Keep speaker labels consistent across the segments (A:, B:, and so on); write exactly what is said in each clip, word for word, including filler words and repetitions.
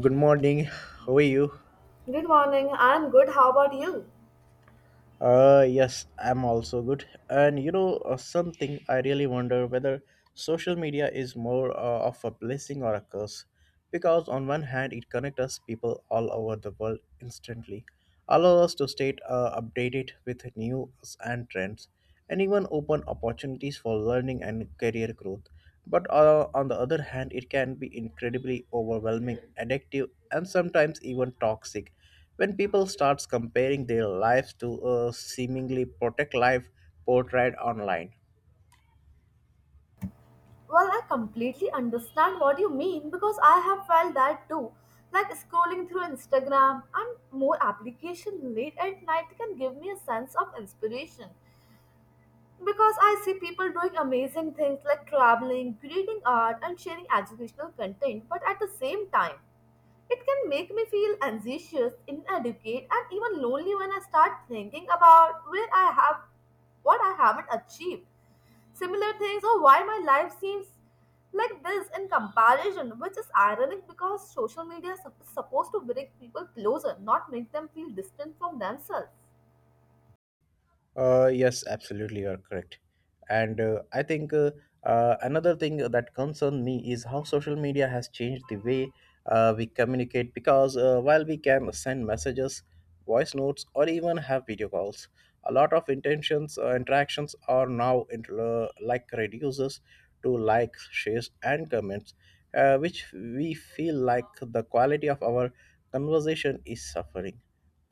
A: Good morning. How are you?
B: Good morning. I'm good. How about you?
A: Uh, yes, I'm also good. And you know, uh, something I really wonder whether social media is more uh, of a blessing or a curse. Because on one hand, it connects us people all over the world instantly, allows us to stay uh, updated with news and trends, and even open opportunities for learning and career growth. But uh, on the other hand, it can be incredibly overwhelming, addictive, and sometimes even toxic. When people start comparing their lives to a seemingly perfect life portrayed online.
B: Well, I completely understand what you mean because I have felt that too. Like scrolling through Instagram and more application late at night can give me a sense of inspiration because I see people doing amazing things like traveling, creating art and sharing educational content, but at the same time, it can make me feel anxious, inadequate and even lonely when I start thinking about where I have what I haven't achieved. Similar things or why my life seems like this in comparison, which is ironic because social media is sup- supposed to bring people closer, not make them feel distant from themselves.
A: Uh, yes, absolutely, you are correct. And uh, I think uh, uh, another thing that concerns me is how social media has changed the way uh, we communicate because uh, while we can send messages, voice notes, or even have video calls. A lot of intentions uh, interactions are now inter- uh, like reduces to likes, shares, and comments, uh, which we feel like the quality of our conversation is suffering,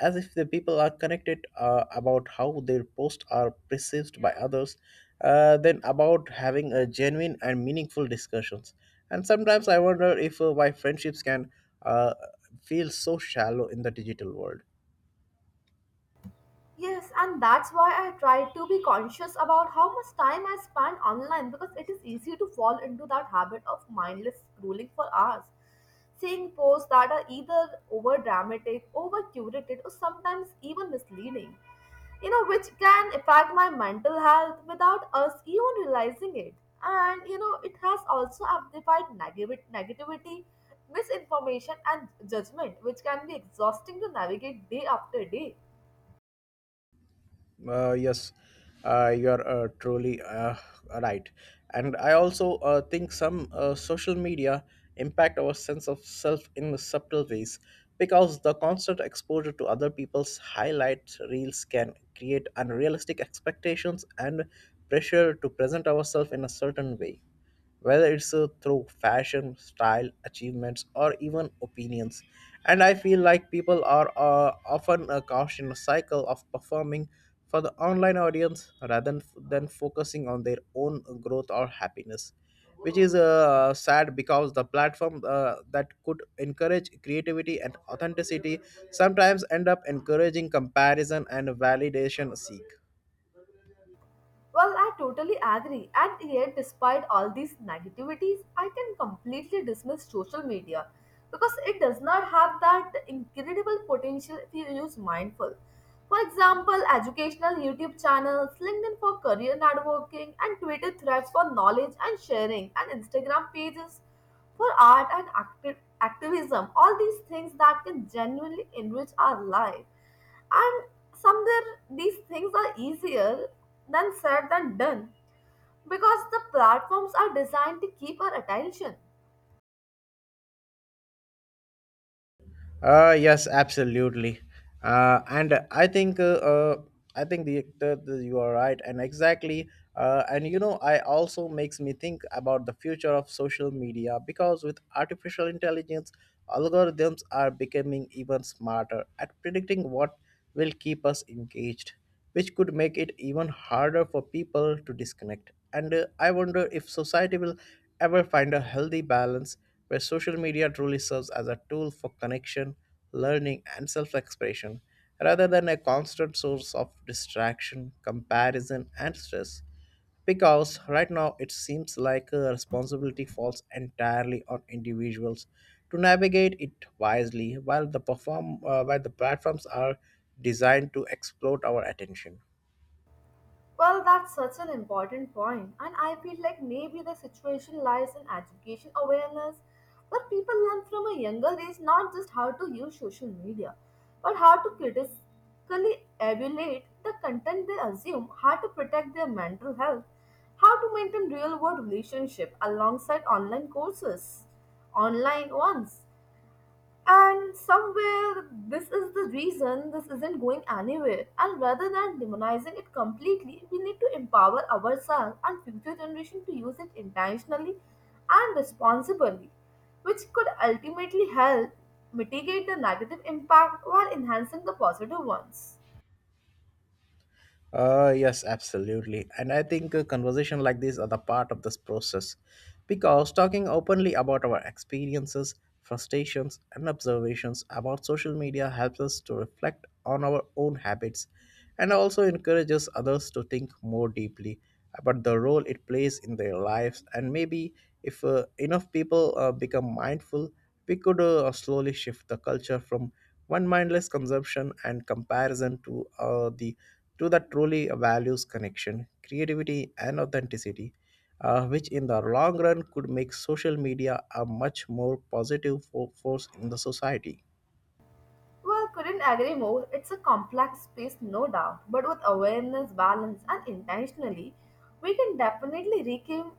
A: as if the people are connected uh, about how their posts are perceived by others uh, than about having a genuine and meaningful discussions. And sometimes I wonder if uh, why friendships can uh, feel so shallow in the digital world.
B: Yes, and that's why I try to be conscious about how much time I spend online because it is easy to fall into that habit of mindless scrolling for hours, seeing posts that are either over dramatic, over curated, or sometimes even misleading, you know, which can affect my mental health without us even realizing it. And you know, it has also amplified negati- negativity, misinformation, and judgment, which can be exhausting to navigate day after day.
A: Uh, yes, uh, you're uh, truly uh, right. And I also uh, think some uh, social media impact our sense of self in subtle ways, because the constant exposure to other people's highlight reels can create unrealistic expectations and pressure to present ourselves in a certain way, whether it's uh, through fashion, style, achievements, or even opinions. And I feel like people are uh, often uh, caught in a cycle of performing for the online audience rather than, than focusing on their own growth or happiness, which is uh, sad, because the platform uh, that could encourage creativity and authenticity sometimes end up encouraging comparison and validation seek.
B: Well, I totally agree. And yet, despite all these negativities, I can completely dismiss social media because it does not have that incredible potential if you use mindful. For example, educational YouTube channels, LinkedIn for career networking, and Twitter threads for knowledge and sharing, and Instagram pages for art and acti- activism. All these things that can genuinely enrich our life. And somewhere these things are easier than said than done because the platforms are designed to keep our attention.
A: Uh, yes, absolutely. Uh, and I think uh, uh, I think the, the, the you are right, and exactly. Uh, and you know, I also makes me think about the future of social media, because with artificial intelligence, algorithms are becoming even smarter at predicting what will keep us engaged, which could make it even harder for people to disconnect. And uh, I wonder if society will ever find a healthy balance where social media truly serves as a tool for connection, learning, and self expression, rather than a constant source of distraction, comparison, and stress. Because right now it seems like a responsibility falls entirely on individuals to navigate it wisely, while the perform uh, while the platforms are designed to exploit our attention.
B: Well, that's such an important point, and I feel like maybe the situation lies in education awareness, where people learn from a younger age not just how to use social media, but how to critically evaluate the content they assume, how to protect their mental health, how to maintain real-world relationship alongside online courses, online ones. And somewhere, this is the reason this isn't going anywhere. And rather than demonizing it completely, we need to empower ourselves and future generation to use it intentionally and responsibly, which could ultimately help mitigate the negative impact while enhancing the positive ones.
A: Uh, yes, absolutely. And I think a conversation like this are the part of this process, because talking openly about our experiences, frustrations, and observations about social media helps us to reflect on our own habits and also encourages others to think more deeply about the role it plays in their lives. And maybe if uh, enough people uh, become mindful, we could uh, slowly shift the culture from one mindless consumption and comparison to uh, the to that truly values connection, creativity, and authenticity, uh, which in the long run could make social media a much more positive fo- force in the society.
B: Well, couldn't agree more. It's a complex space, no doubt, but with awareness, balance, and intentionally, we can definitely reclaim,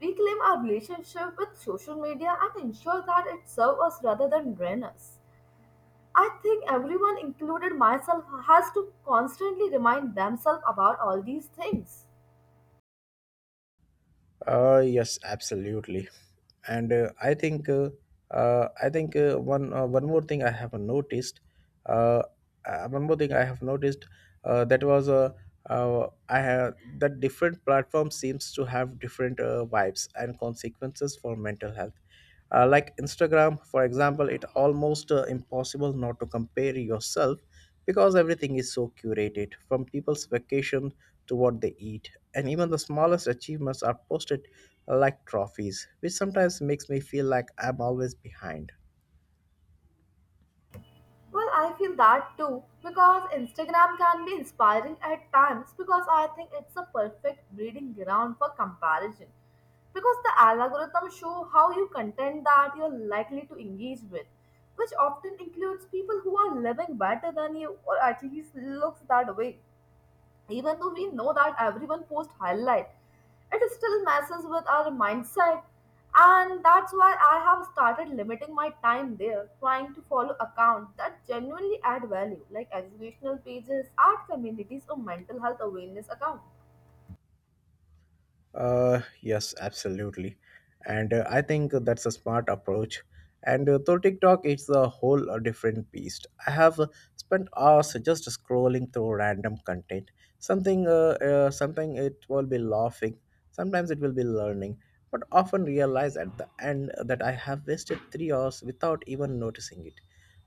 B: reclaim our relationship with social media and ensure that it serves us rather than drain us. I think everyone, included myself, has to constantly remind themselves about all these things.
A: Uh, yes, absolutely. And uh, I think uh, uh, I think uh, one uh, one more thing I have noticed. Uh, uh, One more thing I have noticed uh, that was uh, uh, I have that different platforms seems to have different uh, vibes and consequences for mental health. Uh, like Instagram, for example, it almost uh, impossible not to compare yourself, because everything is so curated, from people's vacation to what they eat, and even the smallest achievements are posted like trophies, which sometimes makes me feel like I'm always behind.
B: Well, I feel that too because Instagram can be inspiring at times because I think it's a perfect breeding ground for comparison because the algorithm show how you content that you're likely to engage with, which often includes people who are living better than you or at least looks that way. Even though we know that everyone posts highlight, it still messes with our mindset. And that's why I have started limiting my time there, trying to follow accounts that genuinely add value, like educational pages, art communities, or mental health awareness accounts.
A: Uh, yes, absolutely. And uh, I think that's a smart approach. And uh, though TikTok is a whole uh, different beast, I have uh, spent hours just scrolling through random content. Something, uh, uh, something it will be laughing, sometimes it will be learning, but often realize at the end that I have wasted three hours without even noticing it.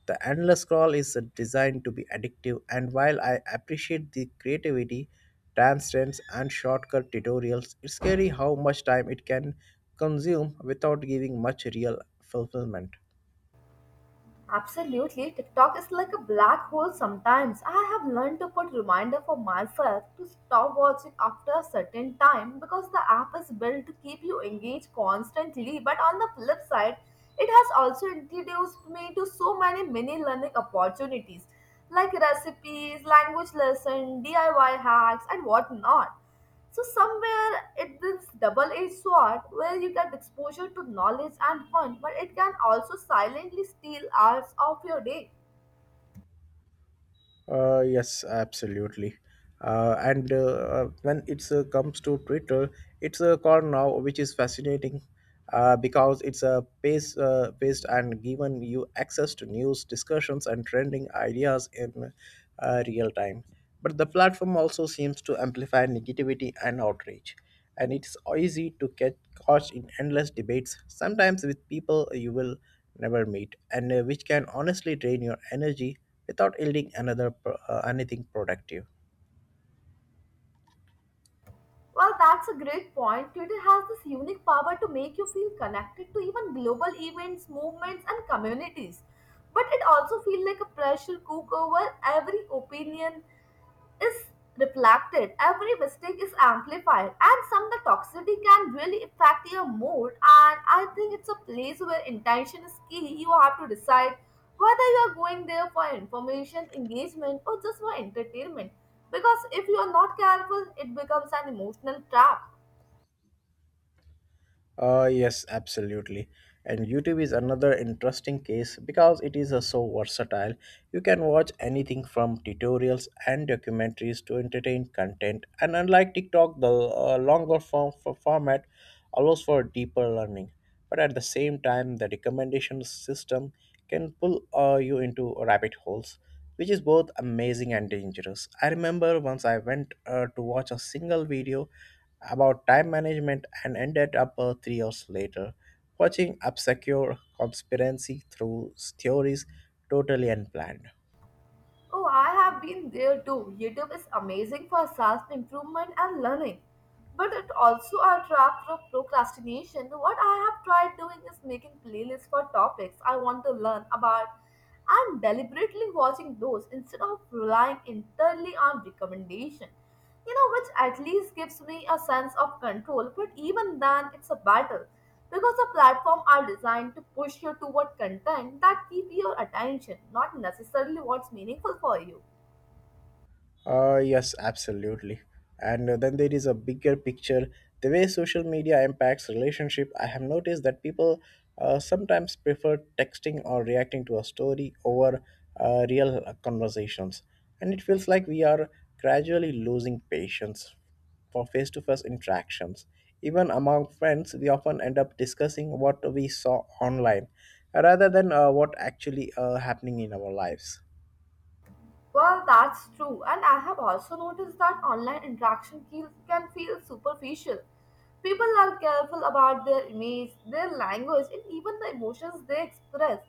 A: The endless scroll is uh, designed to be addictive, and while I appreciate the creativity, timestamps, and shortcut tutorials, it's scary how much time it can consume without giving much real fulfillment.
B: Absolutely. TikTok is like a black hole sometimes. I have learned to put reminder for myself to stop watching after a certain time because the app is built to keep you engaged constantly. But on the flip side, it has also introduced me to so many mini learning opportunities like recipes, language lesson, D I Y hacks and whatnot. So somewhere it this double-edged sword where you get exposure to knowledge and fun, but it can also silently steal hours of your day.
A: Uh, yes, absolutely. Uh, and uh, uh, When it uh, comes to Twitter, it's a called now, which is fascinating uh, because it's a pace uh, paste and given you access to news, discussions, and trending ideas in uh, real time. But the platform also seems to amplify negativity and outrage, and it's easy to get caught in endless debates, sometimes with people you will never meet, and uh, which can honestly drain your energy without yielding another pro- uh, anything productive.
B: Well, that's a great point. Twitter has this unique power to make you feel connected to even global events, movements, and communities. But it also feels like a pressure cooker where every opinion, is reflected, every mistake is amplified, and some the toxicity can really affect your mood. And I think it's a place where intention is key. You have to decide whether you are going there for information, engagement, or just for entertainment. Because if you are not careful, it becomes an emotional trap.
A: Uh, yes, absolutely. And YouTube is another interesting case, because it is uh, so versatile. You can watch anything from tutorials and documentaries to entertain content. And unlike TikTok, the uh, longer form for format allows for deeper learning. But at the same time, the recommendation system can pull uh, you into rabbit holes, which is both amazing and dangerous. I remember once I went uh, to watch a single video about time management and ended up uh, three hours later watching obscure conspiracy through theories, totally unplanned.
B: Oh, I have been there too. YouTube is amazing for self improvement and learning, but it also a trap for procrastination. What I have tried doing is making playlists for topics I want to learn about and deliberately watching those instead of relying entirely on recommendation. You know, which at least gives me a sense of control, but even then, it's a battle because the platform are designed to push you toward content that keep your attention, not necessarily what's meaningful for you.
A: Uh, yes, absolutely. And uh, then there is a bigger picture. The way social media impacts relationship, I have noticed that people uh, sometimes prefer texting or reacting to a story over uh, real uh, conversations. And it feels like we are gradually losing patience for face to face interactions. Even among friends, we often end up discussing what we saw online rather than uh, what actually uh, happening in our lives.
B: Well, that's true, and I have also noticed that online interaction ke- can feel superficial. People are careful about their image, their language, and even the emotions they express.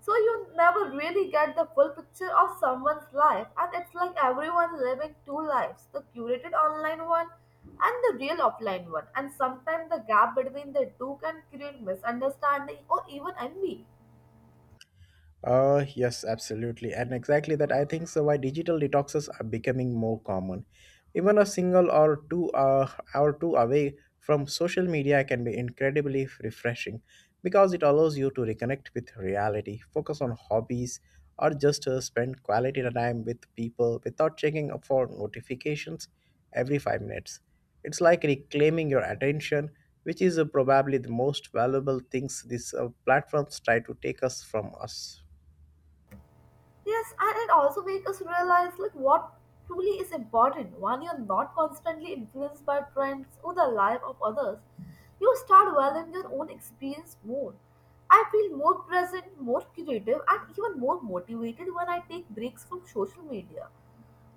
B: So you never really get the full picture of someone's life, and it's like everyone's living two lives, the curated online one and the real offline one. And sometimes the gap between the two can create misunderstanding or even envy.
A: Uh, yes, absolutely. And exactly that I think so why digital detoxes are becoming more common. Even a single or two uh, hour two away from social media can be incredibly refreshing, because it allows you to reconnect with reality, focus on hobbies, or just uh, spend quality time with people without checking up for notifications every five minutes. It's like reclaiming your attention, which is uh, probably the most valuable things these uh, platforms try to take us from us.
B: Yes, and it also makes us realize like what truly is important. When you're not constantly influenced by trends or the life of others, you start valuing your own experience more. I feel more present, more creative, and even more motivated when I take breaks from social media.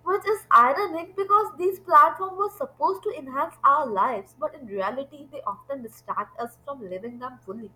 B: Which is ironic because these platforms were supposed to enhance our lives, but in reality, they often distract us from living them fully.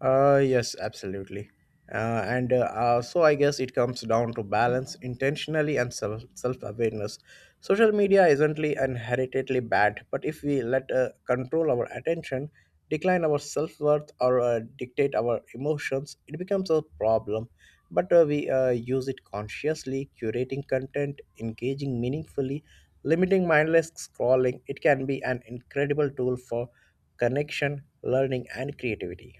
A: Uh, yes, absolutely. Uh, and uh, uh, So I guess it comes down to balance, intentionally and self self awareness. Social media isn't inherently bad, but if we let uh, control our attention, decline our self worth, or uh, dictate our emotions, it becomes a problem. But uh, we uh, use it consciously, curating content, engaging meaningfully, limiting mindless scrolling. It can be an incredible tool for connection, learning, and creativity.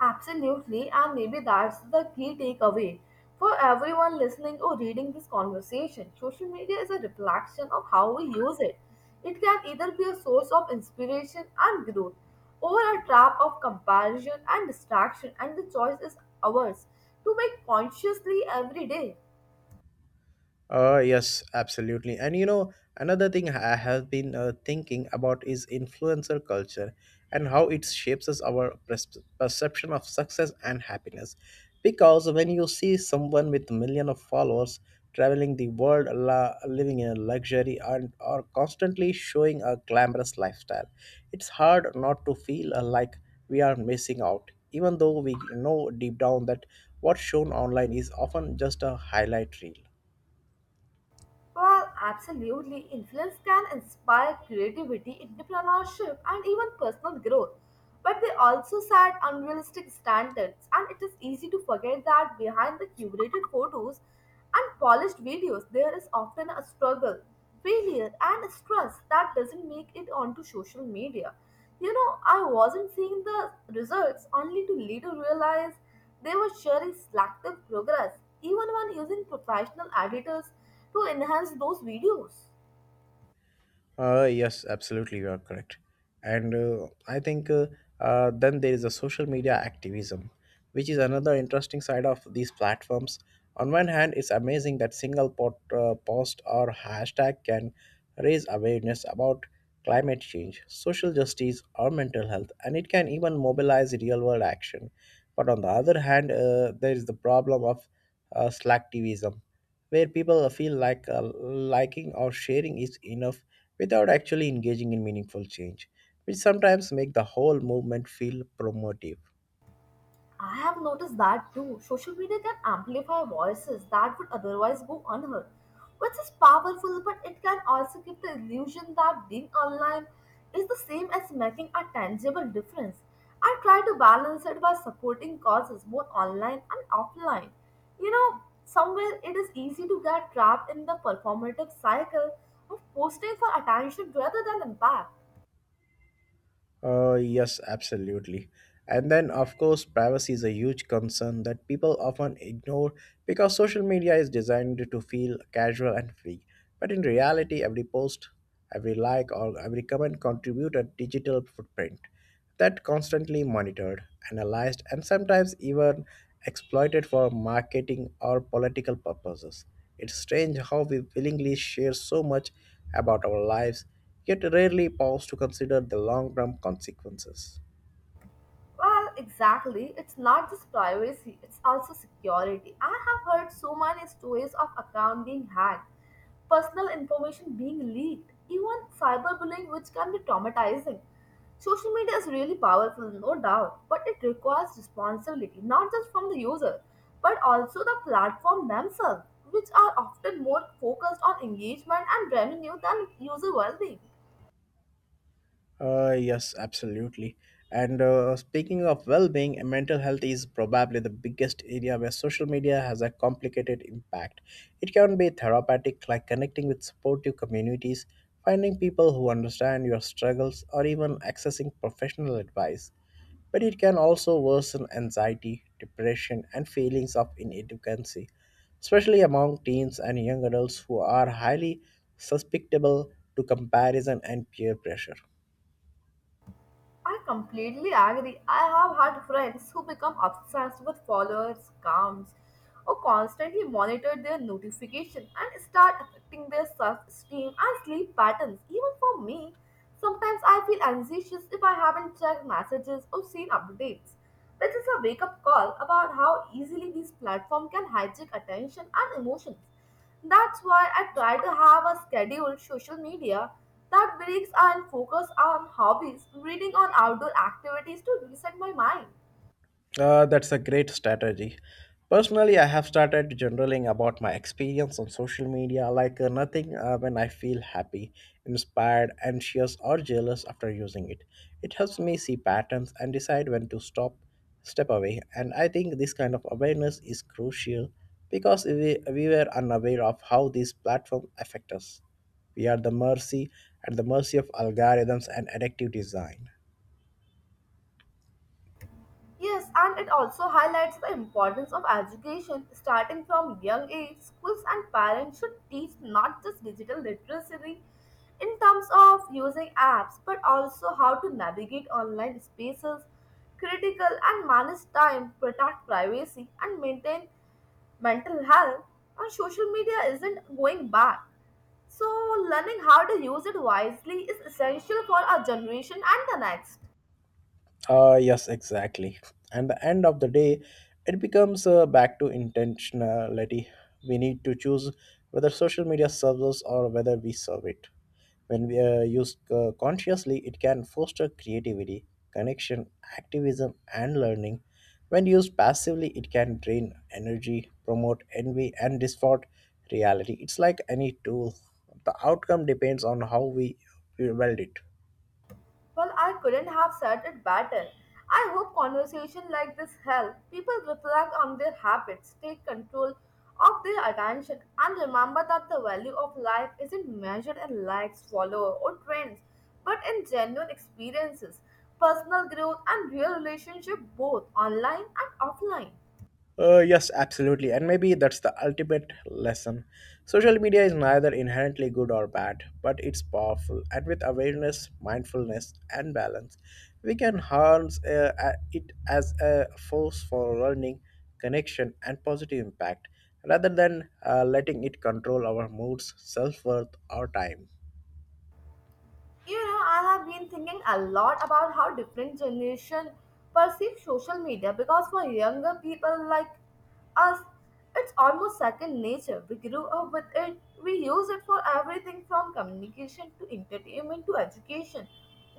B: Absolutely, and maybe that's the key takeaway for everyone listening or reading this conversation. Social media is a reflection of how we use it. It can either be a source of inspiration and growth, or a trap of comparison and distraction, and the choice is ours to make consciously every day.
A: Uh, yes, absolutely. And you know, another thing I have been uh, thinking about is influencer culture and how it shapes us our pers- perception of success and happiness. Because when you see someone with a million of followers traveling the world, la- living in luxury, and or constantly showing a glamorous lifestyle, it's hard not to feel uh, like we are missing out, even though we know deep down that what's shown online is often just a highlight reel.
B: Well, absolutely. Influence can inspire creativity, entrepreneurship, and even personal growth. But they also set unrealistic standards, and it is easy to forget that behind the curated photos and polished videos, there is often a struggle, failure, and stress that doesn't make it onto social media. You know, I wasn't seeing the results only to later realize they were sharing selective progress, even when using professional editors to enhance those videos.
A: Uh, yes, absolutely, you are correct. And uh, I think uh, uh, then there is a social media activism, which is another interesting side of these platforms. On one hand, it's amazing that single pot, uh, post or hashtag can raise awareness about climate change, social justice, or mental health, and it can even mobilize real-world action. But on the other hand, uh, there is the problem of uh, slacktivism, where people feel like uh, liking or sharing is enough without actually engaging in meaningful change, which sometimes make the whole movement feel promotive.
B: I have noticed that too. Social media can amplify voices that would otherwise go unheard, which is powerful, but it can also give the illusion that being online is the same as making a tangible difference. I try to balance it by supporting causes both online and offline. You know, somewhere it is easy to get trapped in the performative cycle of posting for attention rather than impact.
A: Uh, yes, absolutely. And then, of course, privacy is a huge concern that people often ignore, because social media is designed to feel casual and free. But in reality, every post, every like, or every comment contribute a digital footprint that constantly monitored, analyzed, and sometimes even exploited for marketing or political purposes. It's strange how we willingly share so much about our lives, yet rarely pause to consider the long term consequences.
B: Well, exactly. It's not just privacy, it's also security. I have heard so many stories of account being hacked, personal information being leaked, even cyberbullying which can be traumatizing. Social media is really powerful, no doubt, but it requires responsibility not just from the user, but also the platform themselves, which are often more focused on engagement and revenue than user well-being.
A: Uh, yes, absolutely. And uh, speaking of well being, mental health is probably the biggest area where social media has a complicated impact. It can be therapeutic, like connecting with supportive communities, finding people who understand your struggles, or even accessing professional advice. But it can also worsen anxiety, depression, and feelings of inadequacy, especially among teens and young adults who are highly susceptible to comparison and peer pressure.
B: I completely agree. I have had friends who become obsessed with followers, counts, or constantly monitor their notification and start affecting their self-esteem and sleep patterns. Even for me, sometimes I feel anxious if I haven't checked messages or seen updates. This is a wake-up call about how easily these platforms can hijack attention and emotions. That's why I try to have a scheduled social media that breaks and focus on hobbies, reading on outdoor activities to reset my mind.
A: Uh, that's a great strategy. Personally, I have started journaling about my experience on social media, like uh, nothing uh, when I feel happy, inspired, anxious, or jealous after using it. It helps me see patterns and decide when to stop, step away. And I think this kind of awareness is crucial, because we, we were unaware of how these platforms affect us. We are the mercy at the mercy of algorithms and addictive design.
B: Yes, and it also highlights the importance of education starting from young age. Schools and parents should teach not just digital literacy in terms of using apps, but also how to navigate online spaces, critical and manage time, protect privacy, and maintain mental health, and social media isn't going back. So, learning how to use it wisely is essential for our generation and the next.
A: Uh, yes, exactly. And the end of the day, it becomes uh, back to intentionality. We need to choose whether social media serves us or whether we serve it. When we uh, use uh, consciously, it can foster creativity, connection, activism, and learning. When used passively, it can drain energy, promote envy, and distort reality. It's like any tool. The outcome depends on how we we wield it.
B: Well, I couldn't have said it better. I hope conversation like this help people reflect on their habits, take control of their attention, and remember that the value of life isn't measured in likes, followers, or trends, but in genuine experiences, personal growth, and real relationship both online and offline.
A: Uh, yes, absolutely. And maybe that's the ultimate lesson. Social media is neither inherently good or bad, but it's powerful. And with awareness, mindfulness, and balance, we can harness uh, uh, it as a force for learning, connection, and positive impact rather than uh, letting it control our moods, self worth, or time.
B: You know, I have been thinking a lot about how different generation perceive social media because for younger people like us, it's almost second nature. We grew up with it. We use it for everything from communication to entertainment to education.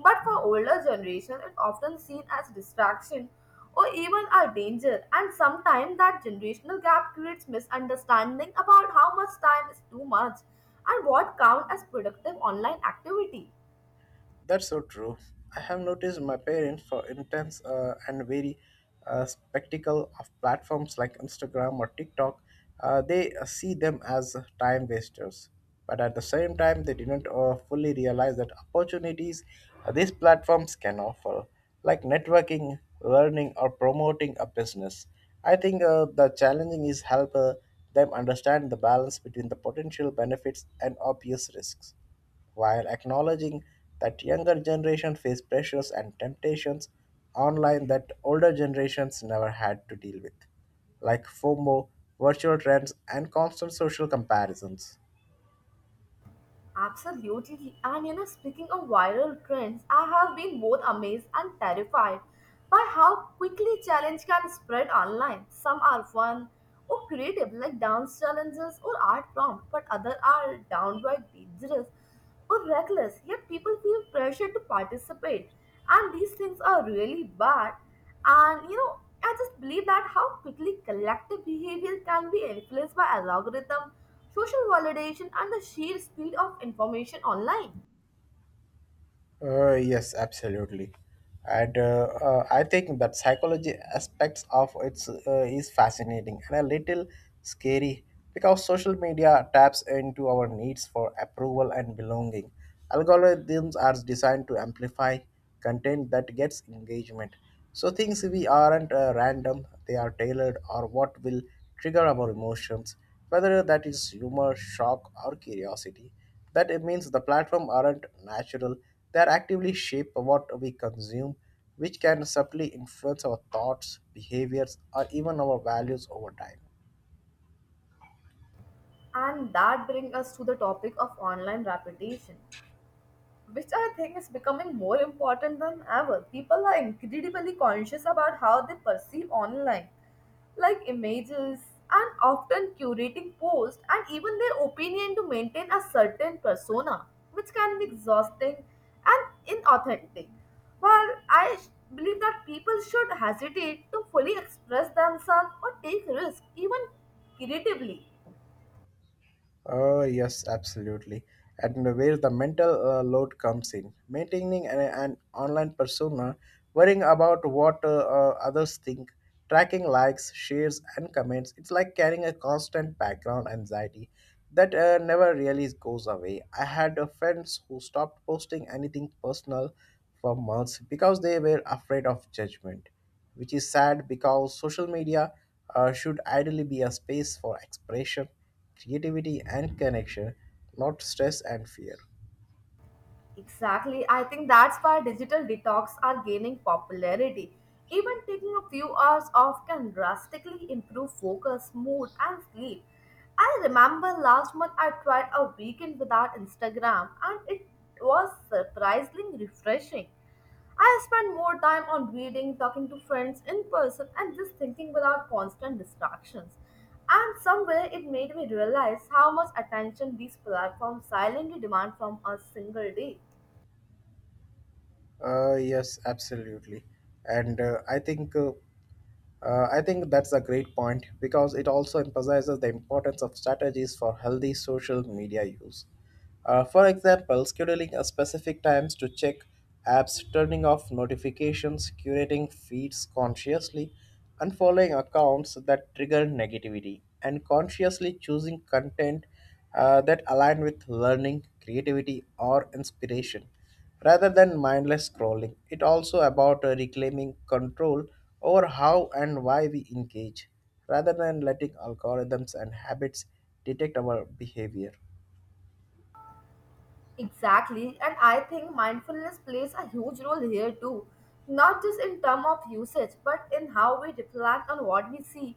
B: But for older generation, it's often seen as distraction or even a danger. And sometimes that generational gap creates misunderstanding about how much time is too much and what counts as productive online activity.
A: That's so true. I have noticed my parents for intense uh, and very uh, spectacle of platforms like Instagram or TikTok. Uh, they uh, see them as time wasters, but at the same time, they didn't uh, fully realize that opportunities uh, these platforms can offer, like networking, learning, or promoting a business. I think uh, the challenging is help uh, them understand the balance between the potential benefits and obvious risks while acknowledging that younger generation face pressures and temptations online that older generations never had to deal with, like FOMO, virtual trends, and constant social comparisons.
B: Absolutely. And you know, speaking of viral trends, I have been both amazed and terrified by how quickly challenge can spread online. Some are fun or creative, like dance challenges or art prompts, but others are downright dangerous or reckless. Yet people feel pressure to participate, and these things are really bad. And you know, I just believe that how quickly collective behavior can be influenced by algorithm social validation and the sheer speed of information online.
A: Uh, yes, absolutely. And uh, uh, I think that psychology aspects of it's uh, is fascinating and a little scary because social media taps into our needs for approval and belonging. Algorithms are designed to amplify content that gets engagement. So things we aren't uh, random; they are tailored or what will trigger our emotions, whether that is humor, shock, or curiosity. That it means the platform aren't natural, they're actively shape what we consume, which can subtly influence our thoughts, behaviors, or even our values over time.
B: And that brings us to the topic of online reputation, which I think is becoming more important than ever. People are incredibly conscious about how they perceive online, like images, and often curating posts and even their opinion to maintain a certain persona, which can be exhausting and inauthentic. While I sh- Believe that people should hesitate to fully express themselves or take risks, even creatively.
A: Oh, yes, absolutely. And where the mental uh, load comes in. Maintaining an, an online persona, worrying about what uh, uh, others think, tracking likes, shares, and comments, it's like carrying a constant background anxiety that uh, never really goes away. I had uh, friends who stopped posting anything personal for months because they were afraid of judgment, which is sad because social media uh, should ideally be a space for expression creativity and connection, not stress and fear.
B: Exactly. I think that's why digital detox are gaining popularity. Even taking a few hours off can drastically improve focus, mood, and sleep. I remember last month I tried a weekend without Instagram and it was surprisingly refreshing. I spent more time on reading, talking to friends in person, and just thinking without constant distractions. And somewhere it made me realize how much attention these platforms silently demand from us single day.
A: Uh, yes, absolutely. And uh, I think uh, Uh, I think that's a great point because it also emphasizes the importance of strategies for healthy social media use. Uh, for example, scheduling a specific times to check apps, turning off notifications, curating feeds consciously, and following accounts that trigger negativity, and consciously choosing content uh, that align with learning, creativity, or inspiration rather than mindless scrolling. It also about uh, reclaiming control over how and why we engage rather than letting algorithms and habits detect our behavior.
B: Exactly, and I think mindfulness plays a huge role here too, not just in terms of usage, but in how we reflect on what we see.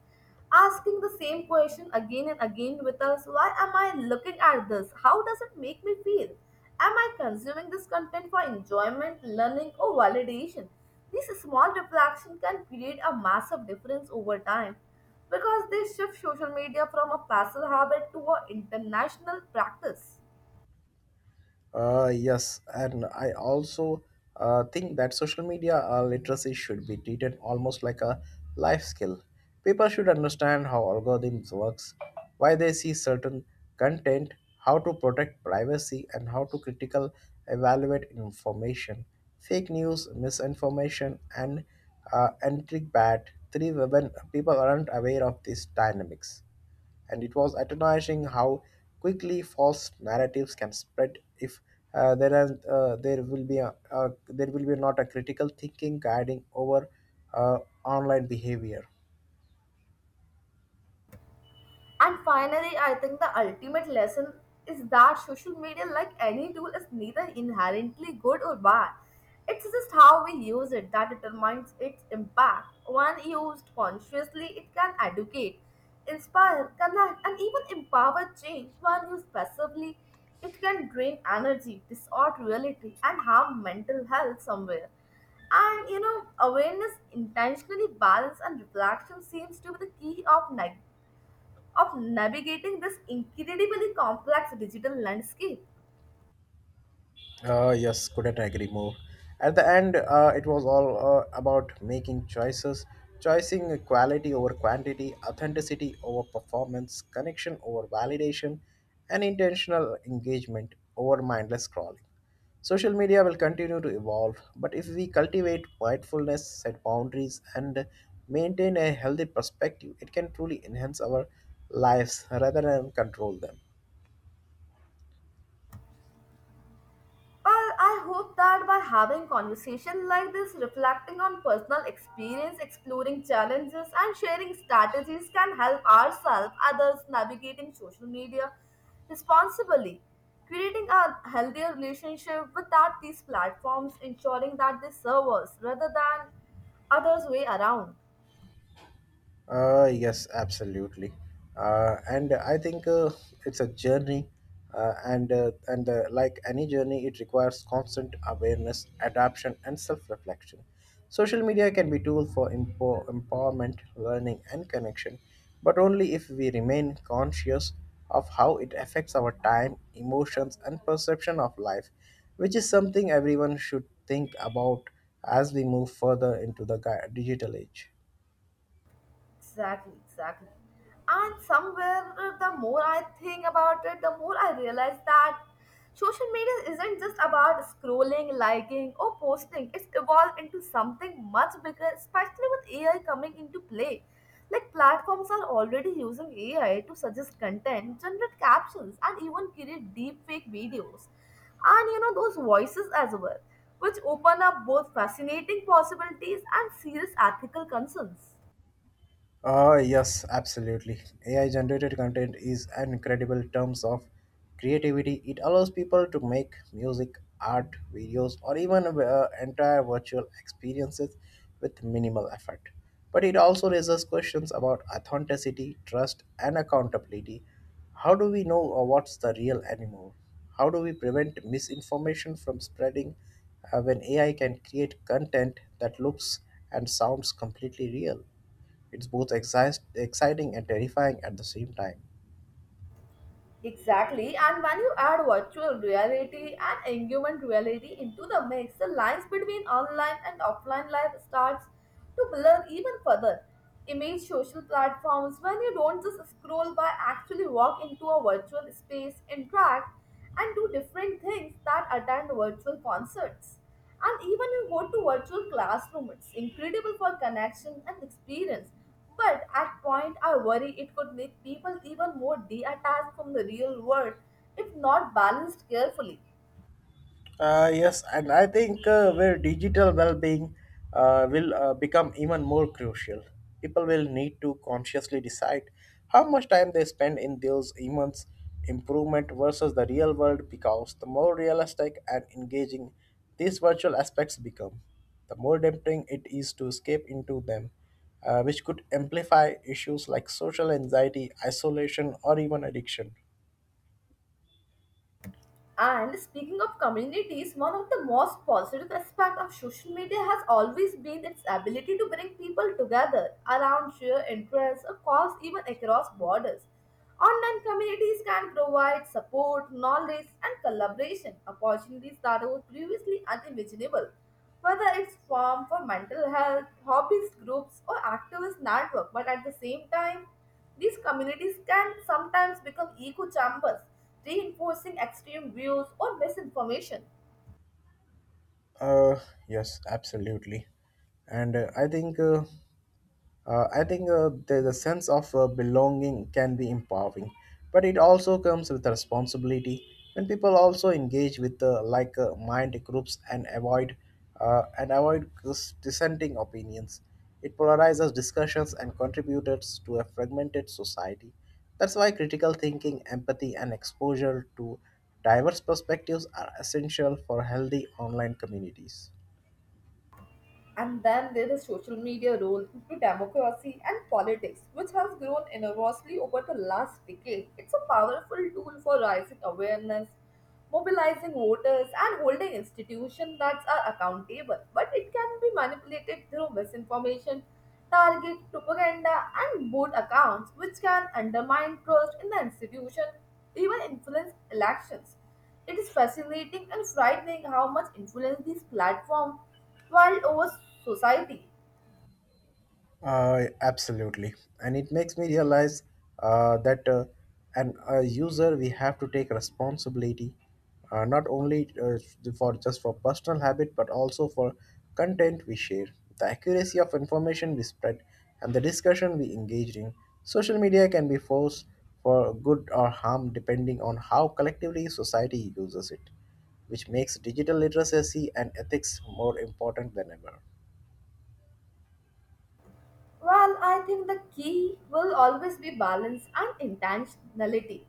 B: Asking the same question again and again with us, why am I looking at this? How does it make me feel? Am I consuming this content for enjoyment, learning, or validation? These small reflections can create a massive difference over time because they shift social media from a passive habit to an international practice.
A: Uh, yes, and I also uh, think that social media uh, literacy should be treated almost like a life skill. People should understand how algorithms works, why they see certain content, how to protect privacy, and how to critical evaluate information. Fake news, misinformation, and uh, entry bad three when people aren't aware of these dynamics and it was astonishing how quickly false narratives can spread if uh, there are uh, there will be a, a there will be not a critical thinking guiding over uh, online behavior.
B: And finally, I think the ultimate lesson is that social media, like any tool, is neither inherently good or bad. It's just how we use it that determines its impact. When used consciously, it can educate, inspire, connect, and even empower change. When used passively, it can drain energy, distort reality, and harm mental health somewhere. And you know, awareness, intentionally balance, and reflection seems to be the key of negative of navigating this incredibly complex digital landscape.
A: Uh, yes, couldn't agree more. At the end, uh, it was all uh, about making choices, choosing quality over quantity, authenticity over performance, connection over validation, and intentional engagement over mindless scrolling. Social media will continue to evolve, but if we cultivate mindfulness, set boundaries, and maintain a healthy perspective, it can truly enhance our lives rather than control them.
B: Well, I hope that by having conversations like this, reflecting on personal experience, exploring challenges, and sharing strategies can help ourselves, others navigating social media responsibly, creating a healthier relationship with that these platforms, ensuring that they serve us rather than others way around.
A: Uh, yes, absolutely. Uh, and I think uh, it's a journey, uh, and uh, and uh, like any journey, it requires constant awareness, adaptation, and self-reflection. Social media can be tool for empo- empowerment, learning, and connection, but only if we remain conscious of how it affects our time, emotions, and perception of life, which is something everyone should think about as we move further into the gui- digital age.
B: Exactly, exactly. And somewhere, uh, the more I think about it, the more I realize that social media isn't just about scrolling, liking, or posting. It's evolved into something much bigger, especially with A I coming into play. Like, platforms are already using A I to suggest content, generate captions, and even create deepfake videos. And you know, those voices as well, which open up both fascinating possibilities and serious ethical concerns.
A: Uh, yes, absolutely. A I generated content is an incredible terms of creativity. It allows people to make music, art, videos, or even uh, entire virtual experiences with minimal effort. But it also raises questions about authenticity, trust, and accountability. How do we know uh, what's the real anymore? How do we prevent misinformation from spreading uh, when A I can create content that looks and sounds completely real? It's both exci- exciting and terrifying at the same time.
B: Exactly, and when you add virtual reality and augmented reality into the mix, the lines between online and offline life starts to blur even further. Image social platforms when you don't just scroll but actually walk into a virtual space, interact, and do different things that attend virtual concerts. And even you go to virtual classrooms, it's incredible for connection and experience but at point I worry it could make people even more detached from the real world if not balanced carefully.
A: Uh, yes, and I think uh, where digital well-being uh, will uh, become even more crucial. People will need to consciously decide how much time they spend in those immense improvement versus the real world because the more realistic and engaging these virtual aspects become, the more tempting it is to escape into them, uh, which could amplify issues like social anxiety, isolation, or even addiction.
B: And speaking of communities, one of the most positive aspects of social media has always been its ability to bring people together around shared interests or cause even across borders. Online communities can provide support, knowledge, and collaboration opportunities that were previously unimaginable. Whether it's form for mental health, hobbies groups, or activist network, but at the same time, these communities can sometimes become echo chambers, reinforcing extreme views or misinformation.
A: Uh, yes, absolutely. And uh, I think uh, uh, I think uh, the, the sense of uh, belonging can be empowering, but it also comes with a responsibility. When people also engage with uh, like uh, mind groups and avoid uh, and avoid dis- dissenting opinions, it polarizes discussions and contributes to a fragmented society. That's why critical thinking, empathy, and exposure to diverse perspectives are essential for healthy online communities.
B: And then there is social media role into democracy and politics, which has grown enormously over the last decade. It's a powerful tool for raising awareness, mobilizing voters, and holding institutions that are accountable. But it can be manipulated through misinformation, target propaganda, and boot accounts, which can undermine trust in the institution, even influence elections. It is fascinating and frightening how much influence these platforms while or society.
A: Uh, absolutely, and it makes me realize uh, that uh, an a user we have to take responsibility uh, not only uh, for just for personal habit but also for content we share, the accuracy of information we spread, and the discussion we engage in. Social media can be force for good or harm depending on how collectively society uses it, which makes digital literacy and ethics more important than ever.
B: Well, I think the key will always be balance and intentionality.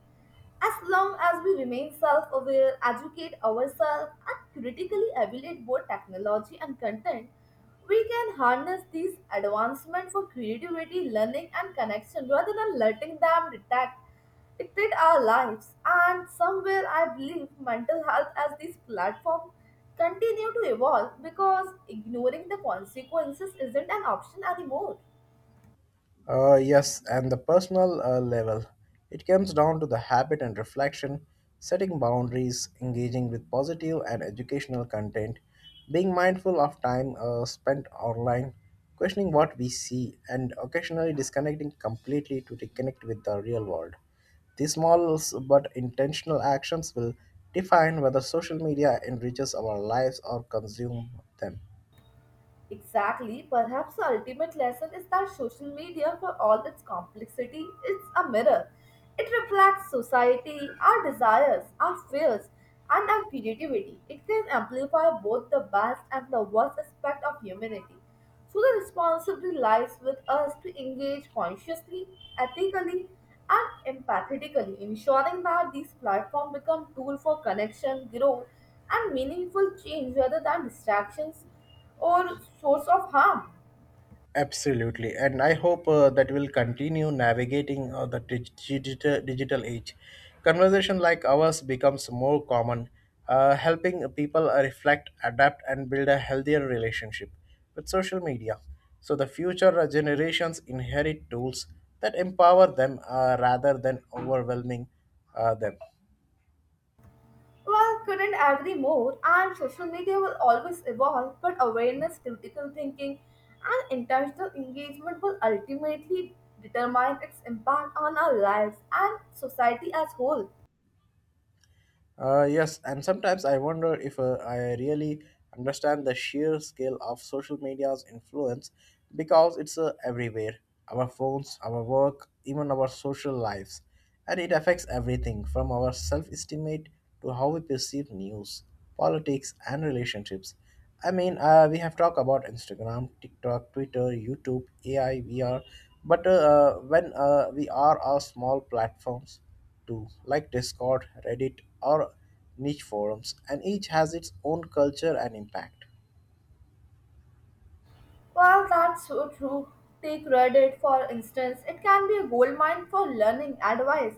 B: As long as we remain self aware, educate ourselves, and critically evaluate both technology and content, we can harness these advancements for creativity, learning, and connection rather than letting them dictate, dictate our lives. And somewhere, I believe mental health as these platforms continue to evolve because ignoring the consequences isn't an option anymore.
A: Uh, yes, and the personal uh, level. It comes down to the habit and reflection, setting boundaries, engaging with positive and educational content, being mindful of time uh, spent online, questioning what we see, and occasionally disconnecting completely to reconnect with the real world. These small but intentional actions will define whether social media enriches our lives or consume them.
B: Exactly. Perhaps the ultimate lesson is that social media, for all its complexity, is a mirror. It reflects society, our desires, our fears, and our creativity. It can amplify both the best and the worst aspect of humanity. So the responsibility lies with us to engage consciously, ethically, and empathetically, ensuring that these platforms become tool for connection, growth, and meaningful change rather than distractions or source of harm.
A: Absolutely, and I hope uh, that will continue navigating uh, the digital digital age. Conversation like ours becomes more common, uh, helping people uh, reflect, adapt, and build a healthier relationship with social media. So the future uh, generations inherit tools that empower them uh, rather than overwhelming uh, them.
B: Well, couldn't agree more, and social media will always evolve, but awareness, critical thinking, and intentional engagement will ultimately determine its impact on our lives and society as whole.
A: Uh, yes, and sometimes I wonder if uh, I really understand the sheer scale of social media's influence because it's uh, everywhere our phones, our work, even our social lives. And it affects everything from our self estimate to how we perceive news, politics, and relationships. I mean, uh, we have talked about Instagram, TikTok, Twitter, YouTube, A I V R, but uh, uh, when uh, we are our small platforms too, like Discord, Reddit, or niche forums, and each has its own culture and impact.
B: Well, that's so true. Take Reddit, for instance. It can be a goldmine for learning, advice,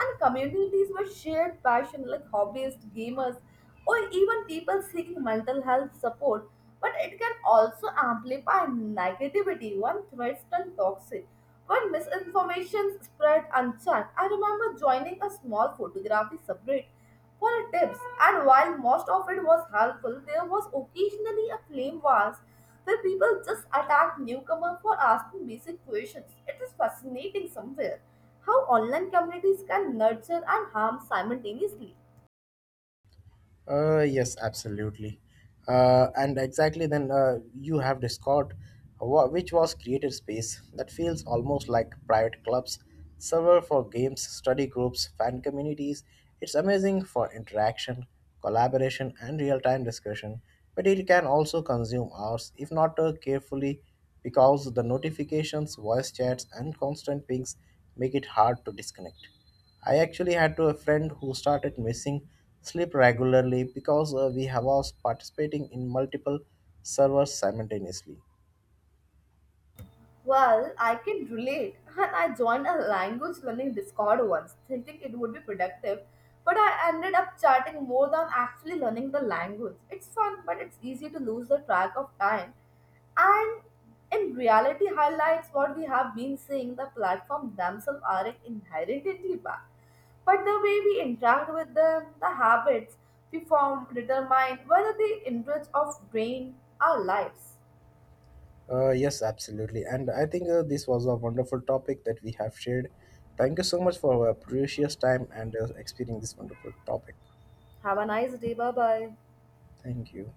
B: and communities with shared passion like hobbyists, gamers, or even people seeking mental health support. But it can also amplify negativity when threats turn toxic, when misinformation spread unchecked. I remember joining a small photography subreddit for tips, and while most of it was helpful, there was occasionally a flame wars where people just attack newcomers for asking basic questions. It is fascinating somewhere how online communities can nurture and harm simultaneously.
A: Uh, yes, absolutely. Uh, and exactly then uh, you have Discord, wha- which was created space that feels almost like private clubs, server for games, study groups, fan communities. It's amazing for interaction, collaboration, and real-time discussion. But it can also consume hours if not uh, carefully, because the notifications, voice chats, and constant pings make it hard to disconnect. I actually had to a friend who started missing sleep regularly because uh, we have was participating in multiple servers simultaneously.
B: Well, I can relate, and I joined a language learning Discord once, thinking it would be productive, but I ended up chatting more than actually learning the language. It's fun, but it's easy to lose the track of time. And in reality, highlights what we have been seeing, the platform themselves aren't inherently bad. But the way we interact with them, the habits we form determine whether they enrich or drain our lives.
A: Uh, yes, absolutely. And I think uh, this was a wonderful topic that we have shared. Thank you so much for your precious time and uh, experiencing this wonderful topic.
B: Have a nice day. Bye bye.
A: Thank you.